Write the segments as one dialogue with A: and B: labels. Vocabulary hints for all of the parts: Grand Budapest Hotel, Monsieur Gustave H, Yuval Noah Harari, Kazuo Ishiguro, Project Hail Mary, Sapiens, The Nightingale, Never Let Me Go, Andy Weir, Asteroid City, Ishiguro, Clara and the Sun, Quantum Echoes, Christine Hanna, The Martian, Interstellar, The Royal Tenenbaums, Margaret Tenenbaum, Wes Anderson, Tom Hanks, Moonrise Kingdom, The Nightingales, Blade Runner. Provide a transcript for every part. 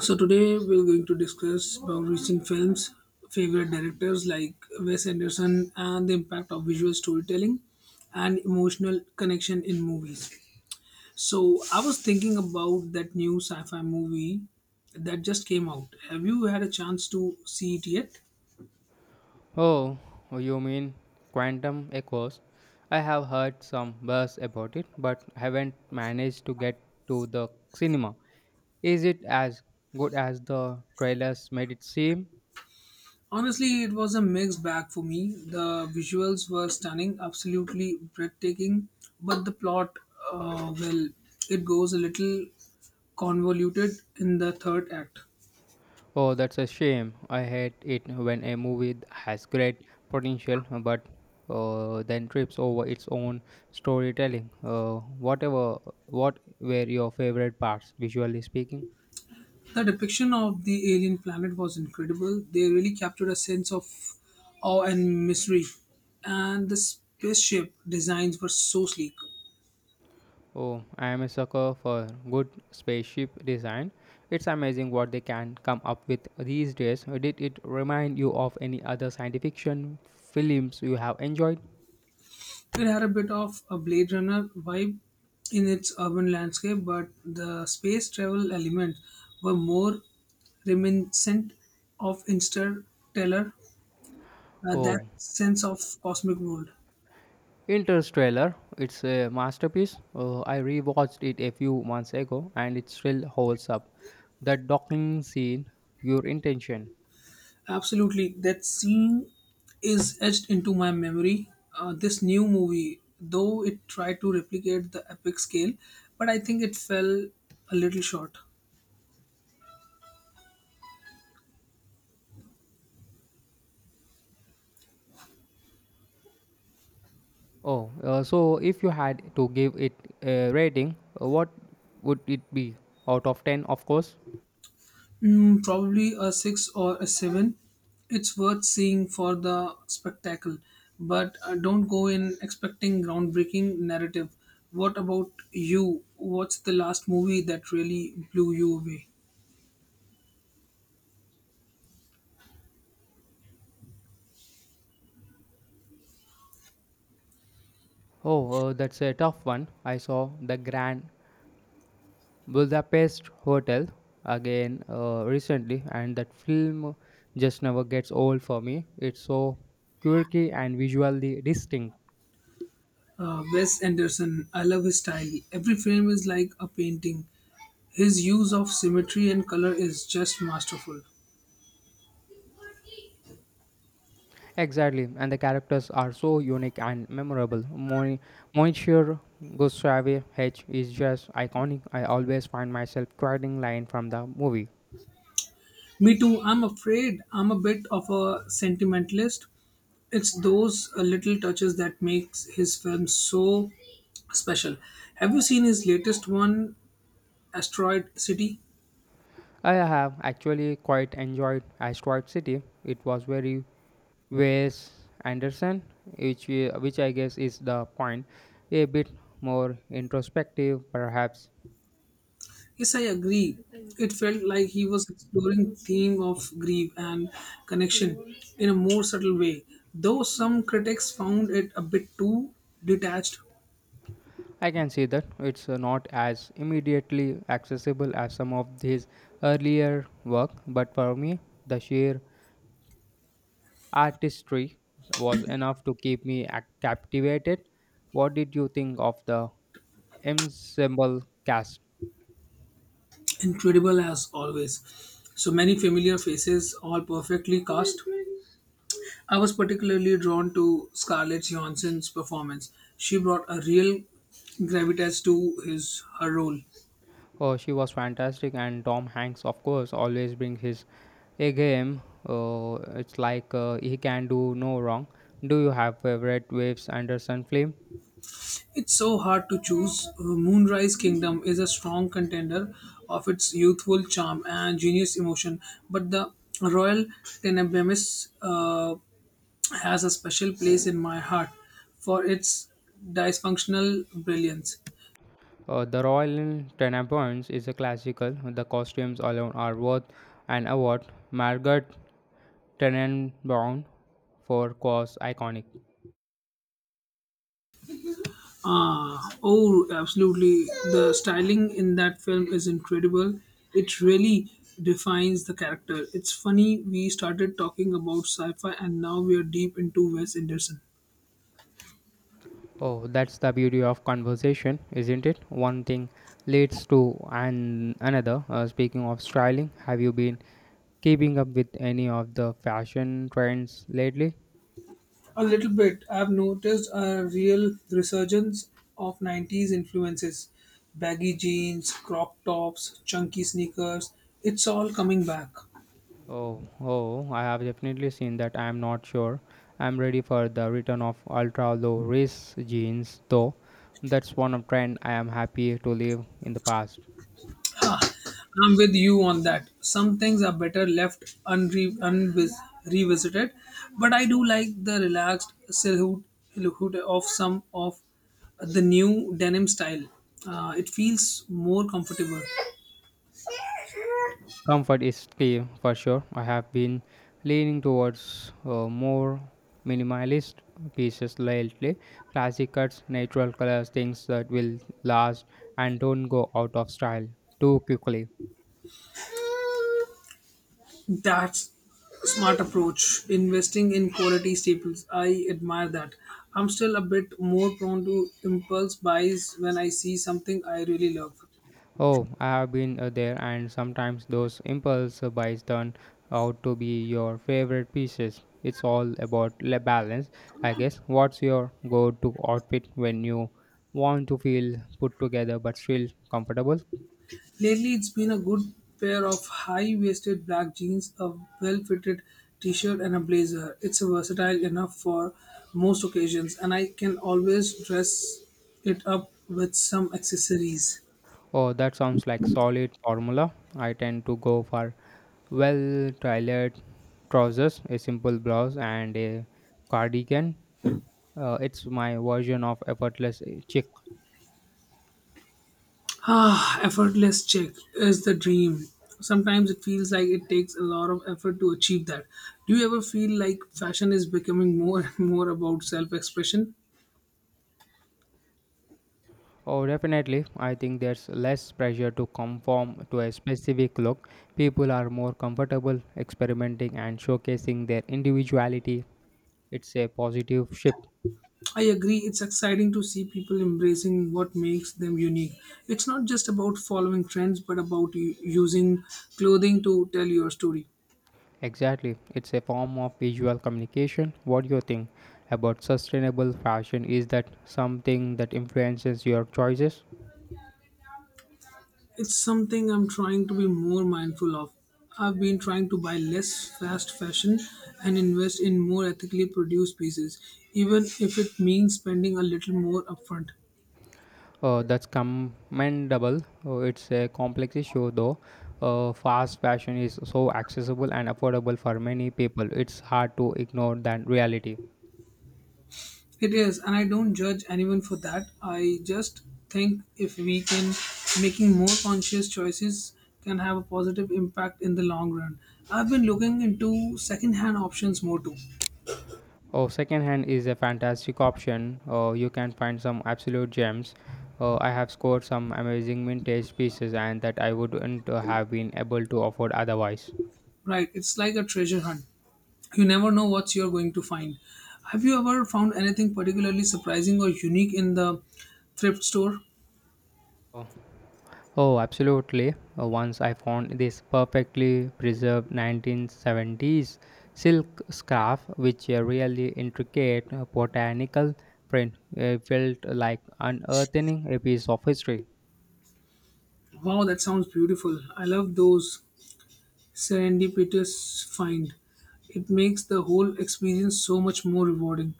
A: So today we're going to discuss about recent films, favorite directors like Wes Anderson, and the impact of visual storytelling and emotional connection in movies. So I was thinking about that new sci-fi movie that just came out. Have you had a chance to see it yet?
B: Oh, oh, you mean quantum echoes? I have heard some buzz about it, but haven't managed to get to the cinema. Is it as good as the trailers made it seem?
A: Honestly, it was a mixed bag for me. The visuals were stunning, absolutely breathtaking, but the plot, well, it goes a little convoluted in the third act.
B: Oh, that's a shame. I hate it when a movie has great potential but then trips over its own storytelling. What were your favorite parts, visually speaking?
A: The depiction of the alien planet was incredible. They really captured a sense of awe and mystery. And the spaceship designs were so sleek.
B: Oh, I am a sucker for good spaceship design. It's amazing what they can come up with these days. Did it remind you of any other science fiction films you have enjoyed?
A: It had a bit of a Blade Runner vibe in its urban landscape, but the space travel elements were more reminiscent of interstellar, that
B: Oh,
A: sense of cosmic world.
B: Interstellar. It's a masterpiece. I rewatched it a few months ago and it still holds up. The docking scene, your intention.
A: Absolutely, that scene is etched into my memory. This new movie, though it tried to replicate the epic scale, but I think it fell a little short.
B: Oh, so if you had to give it a rating, what would it be? Out of 10, of course.
A: Mm, probably a 6 or a 7. It's worth seeing for the spectacle, but don't go in expecting groundbreaking narrative. What about you? What's the last movie that really blew you away?
B: Oh, that's a tough one. I saw the Grand Budapest Hotel again recently, and that film just never gets old for me. It's so quirky and visually distinct.
A: Wes Anderson, I love his style. Every frame is like a painting. His use of symmetry and color is just masterful.
B: Exactly, and the characters are so unique and memorable. Monsieur Gustave H is just iconic. I always find myself quoting line from the movie.
A: Me too, I'm afraid I'm a bit of a sentimentalist. It's those little touches that makes his films so special. Have you seen his latest one, Asteroid City?
B: I have actually quite enjoyed Asteroid City. It was very Wes Anderson, which I guess is the point, a bit more introspective, perhaps.
A: Yes, I agree. It felt like he was exploring theme of grief and connection in a more subtle way, though some critics found it a bit too detached,
B: I can see that it's not as immediately accessible as some of his earlier work, but for me, the sheer artistry was enough to keep me captivated. What did you think of the ensemble cast?
A: incredible as always. So many familiar faces, all perfectly cast. I was particularly drawn to Scarlett Johansson's performance. She brought a real gravitas to his her role.
B: Oh, she was fantastic, and Tom Hanks, of course, always brings his A game. Uh, it's like he can do no wrong. Do you have favorite Waves Anderson film?
A: It's so hard to choose. Moonrise Kingdom is a strong contender of its youthful charm and genius emotion, but the Royal Tenenbaums has a special place in my heart for its dysfunctional brilliance.
B: The Royal Tenenbaums is a classical. The costumes alone are worth an award. Margaret Tenenbaum for cause iconic.
A: Oh, absolutely. The styling in that film is incredible. It really defines the character. It's funny we started talking about sci-fi and now we are deep into Wes Anderson.
B: Oh, that's the beauty of conversation, isn't it? One thing leads to an another. Speaking of styling, have you been keeping up with any of the fashion trends lately?
A: A little bit. I've noticed a real resurgence of 90s influences. Baggy jeans, crop tops, chunky sneakers. It's all coming back.
B: Oh, I have definitely seen that. I'm not sure I'm ready for the return of ultra low waist jeans, though. That's one of trend I am happy to leave in the past.
A: I'm with you on that. Some things are better left revisited, but I do like the relaxed silhouette of some of the new denim style. It feels more comfortable.
B: Comfort is key for sure. I have been leaning towards more minimalist pieces lately. Classic cuts, natural colors, things that will last and don't go out of style too quickly.
A: That's a smart approach. Investing in quality staples. I admire that. I'm still a bit more prone to impulse buys when I see something I really love.
B: Oh, I have been there, and sometimes those impulse buys turn out to be your favorite pieces. It's all about balance, I guess. What's your go to outfit when you want to feel put together but still comfortable?
A: Lately, it's been a good pair of high-waisted black jeans, a well-fitted t-shirt, and a blazer. It's versatile enough for most occasions, and I can always dress it up with some accessories.
B: Oh, that sounds like solid formula. I tend to go for well tailored trousers, a simple blouse, and a cardigan. It's my version of effortless chic.
A: Ah, effortless check is the dream. Sometimes it feels like it takes a lot of effort to achieve that. Do you ever feel like fashion is becoming more and more about self expression?
B: Oh, definitely. I think there's less pressure to conform to a specific look. People are more comfortable experimenting and showcasing their individuality. It's a positive shift.
A: I agree, it's exciting to see people embracing what makes them unique. It's not just about following trends, but about using clothing to tell your story.
B: Exactly. It's a form of visual communication. What do you think about sustainable fashion? Is that something that influences your choices?
A: It's something I'm trying to be more mindful of. I've been trying to buy less fast fashion and invest in more ethically produced pieces, even if it means spending a little more upfront.
B: That's commendable. It's a complex issue, though. Fast fashion is so accessible and affordable for many people. It's hard to ignore that reality.
A: It is, and I don't judge anyone for that. I just think if we can making more conscious choices can have a positive impact in the long run. I've been looking into secondhand options more too.
B: Oh, secondhand is a fantastic option. You can find some absolute gems. I have scored some amazing vintage pieces, and that I wouldn't have been able to afford otherwise.
A: Right, it's like a treasure hunt. You never know what you're going to find. Have you ever found anything particularly surprising or unique in the thrift store?
B: Uh, Oh, absolutely. Once I found this perfectly preserved 1970s silk scarf, which a really intricate botanical print it felt like unearthing a piece of history.
A: Wow, that sounds beautiful. I love those serendipitous find. It makes the whole experience so much more rewarding.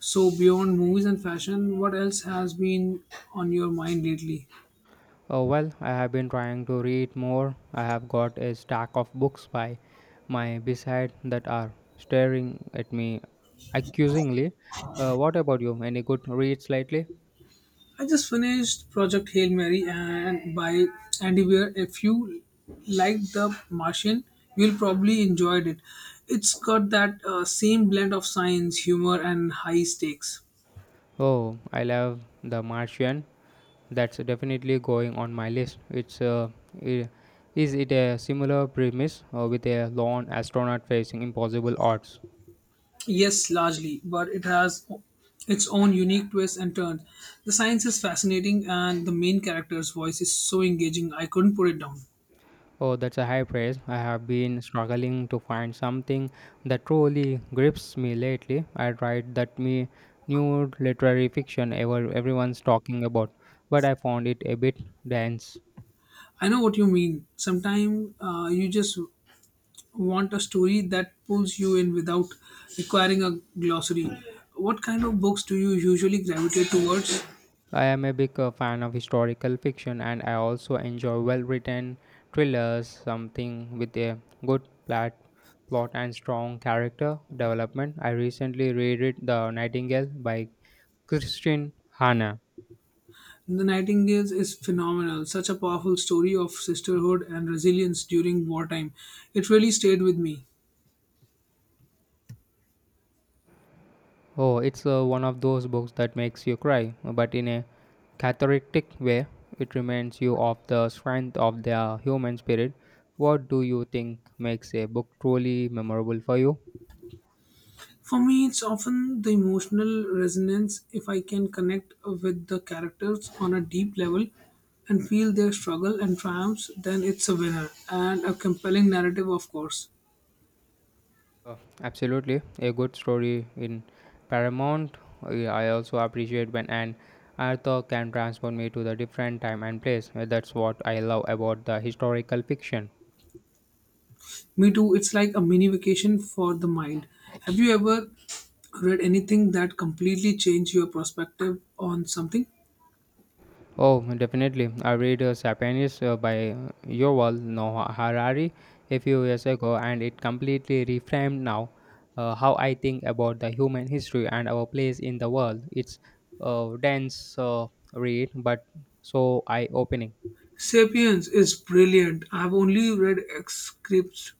A: So beyond movies and fashion, what else has been on your mind lately?
B: Oh, well, I have been trying to read more. I have got a stack of books by my beside that are staring at me accusingly. What about you? Any good reads lately?
A: I just finished Project Hail Mary and by Andy Weir. If you like The Martian, you'll probably enjoyed it. It's got that same blend of science, humor, and high stakes.
B: Oh, I love The Martian. That's definitely going on my list. It's i- is it a similar premise with a lone astronaut facing impossible odds?
A: Yes, largely, but it has its own unique twists and turns. The science is fascinating, and the main character's voice is so engaging. I couldn't put it down.
B: Oh, that's a high praise. I have been struggling to find something that truly grips me lately. I tried that me new literary fiction everyone's talking about, but I found it a bit dense.
A: I know what you mean. Sometimes you just want a story that pulls you in without requiring a glossary. What kind of books do you usually gravitate towards?
B: I am a big fan of historical fiction and I also enjoy well written thrillers, something with a good plot and strong character development. I recently reread The Nightingale by Christine Hanna.
A: The Nightingales is phenomenal, such a powerful story of sisterhood and resilience during wartime. It really stayed with me.
B: Oh, it's one of those books that makes you cry, but in a cathartic way. It reminds you of the strength of the human spirit. What do you think makes a book truly memorable for you?
A: For me, it's often the emotional resonance if I can connect with the characters on a deep level and feel their struggle and triumphs, then it's a winner and a compelling narrative, of course.
B: Uh, Absolutely, a good story in Paramount. I also appreciate when an author can transport me to the different time and place. That's what I love about the historical fiction.
A: Me too. It's like a mini vacation for the mind. Have you ever read anything that completely changed your perspective on something?
B: Oh, definitely. I read *Sapiens* by Yuval Noah Harari a few years ago, and it completely reframed now how I think about the human history and our place in the world. It's a dense read, but so eye-opening.
A: Sapiens is brilliant. I've only read excerpts,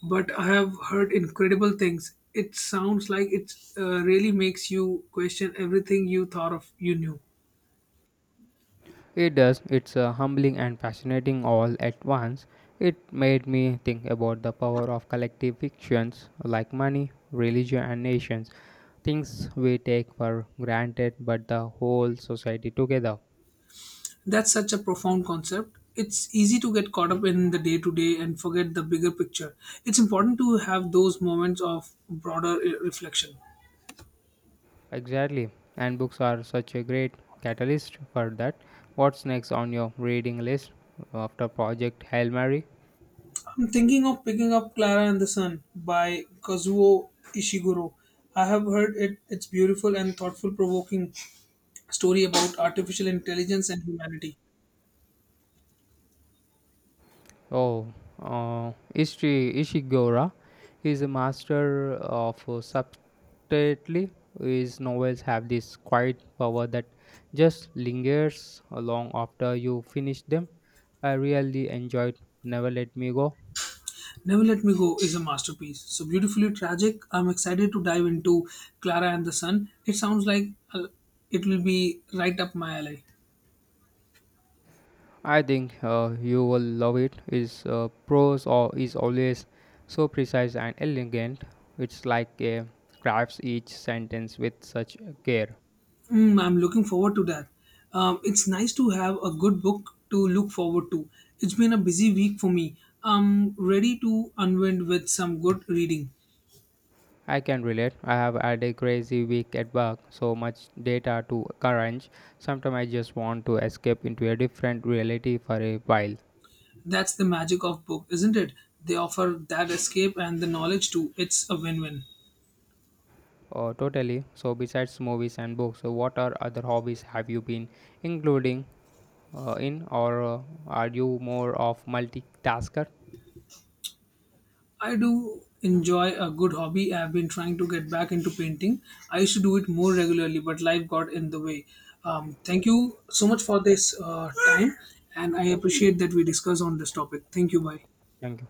A: but I have heard incredible things. It sounds like it really makes you question everything you thought of you knew.
B: It does, it's humbling and fascinating all at once. It made me think about the power of collective fictions like money, religion, and nations. Things we take for granted, but the whole society together.
A: That's such a profound concept. It's easy to get caught up in the day to day and forget the bigger picture. It's important to have those moments of broader reflection.
B: Exactly, and books are such a great catalyst for that. What's next on your reading list after Project Hail Mary?
A: I'm thinking of picking up Clara and the Sun by Kazuo Ishiguro. I have heard it, it's beautiful and thoughtful provoking story about artificial intelligence and humanity.
B: Oh, Ishiguro is a master of subtlety. His novels have this quiet power that just lingers long after you finish them. I really enjoyed Never Let Me Go.
A: Never Let Me Go is a masterpiece. So beautifully tragic. I'm excited to dive into Clara and the Sun. It sounds like uh, it will be right up my alley.
B: I think you will love it. His prose or is always so precise and elegant. It's like a crafts each sentence with such care.
A: Mm, I'm looking forward to that. It's nice to have a good book to look forward to. It's been a busy week for me. I'm ready to unwind with some good reading.
B: I can relate. I have had a crazy week at work, so much data to crunch. Sometimes I just want to escape into a different reality for a while.
A: That's the magic of book, isn't it? They offer that escape and the knowledge too. It's a win-win.
B: Oh, totally. So, besides movies and books, so what are other hobbies have you been including in, or are you more of multitasker?
A: I do enjoy a good hobby. I've been trying to get back into painting. I used to do it more regularly, but life got in the way. Thank you so much for this time, and I appreciate that we discuss on this topic. Thank you. Bye.
B: Thank you.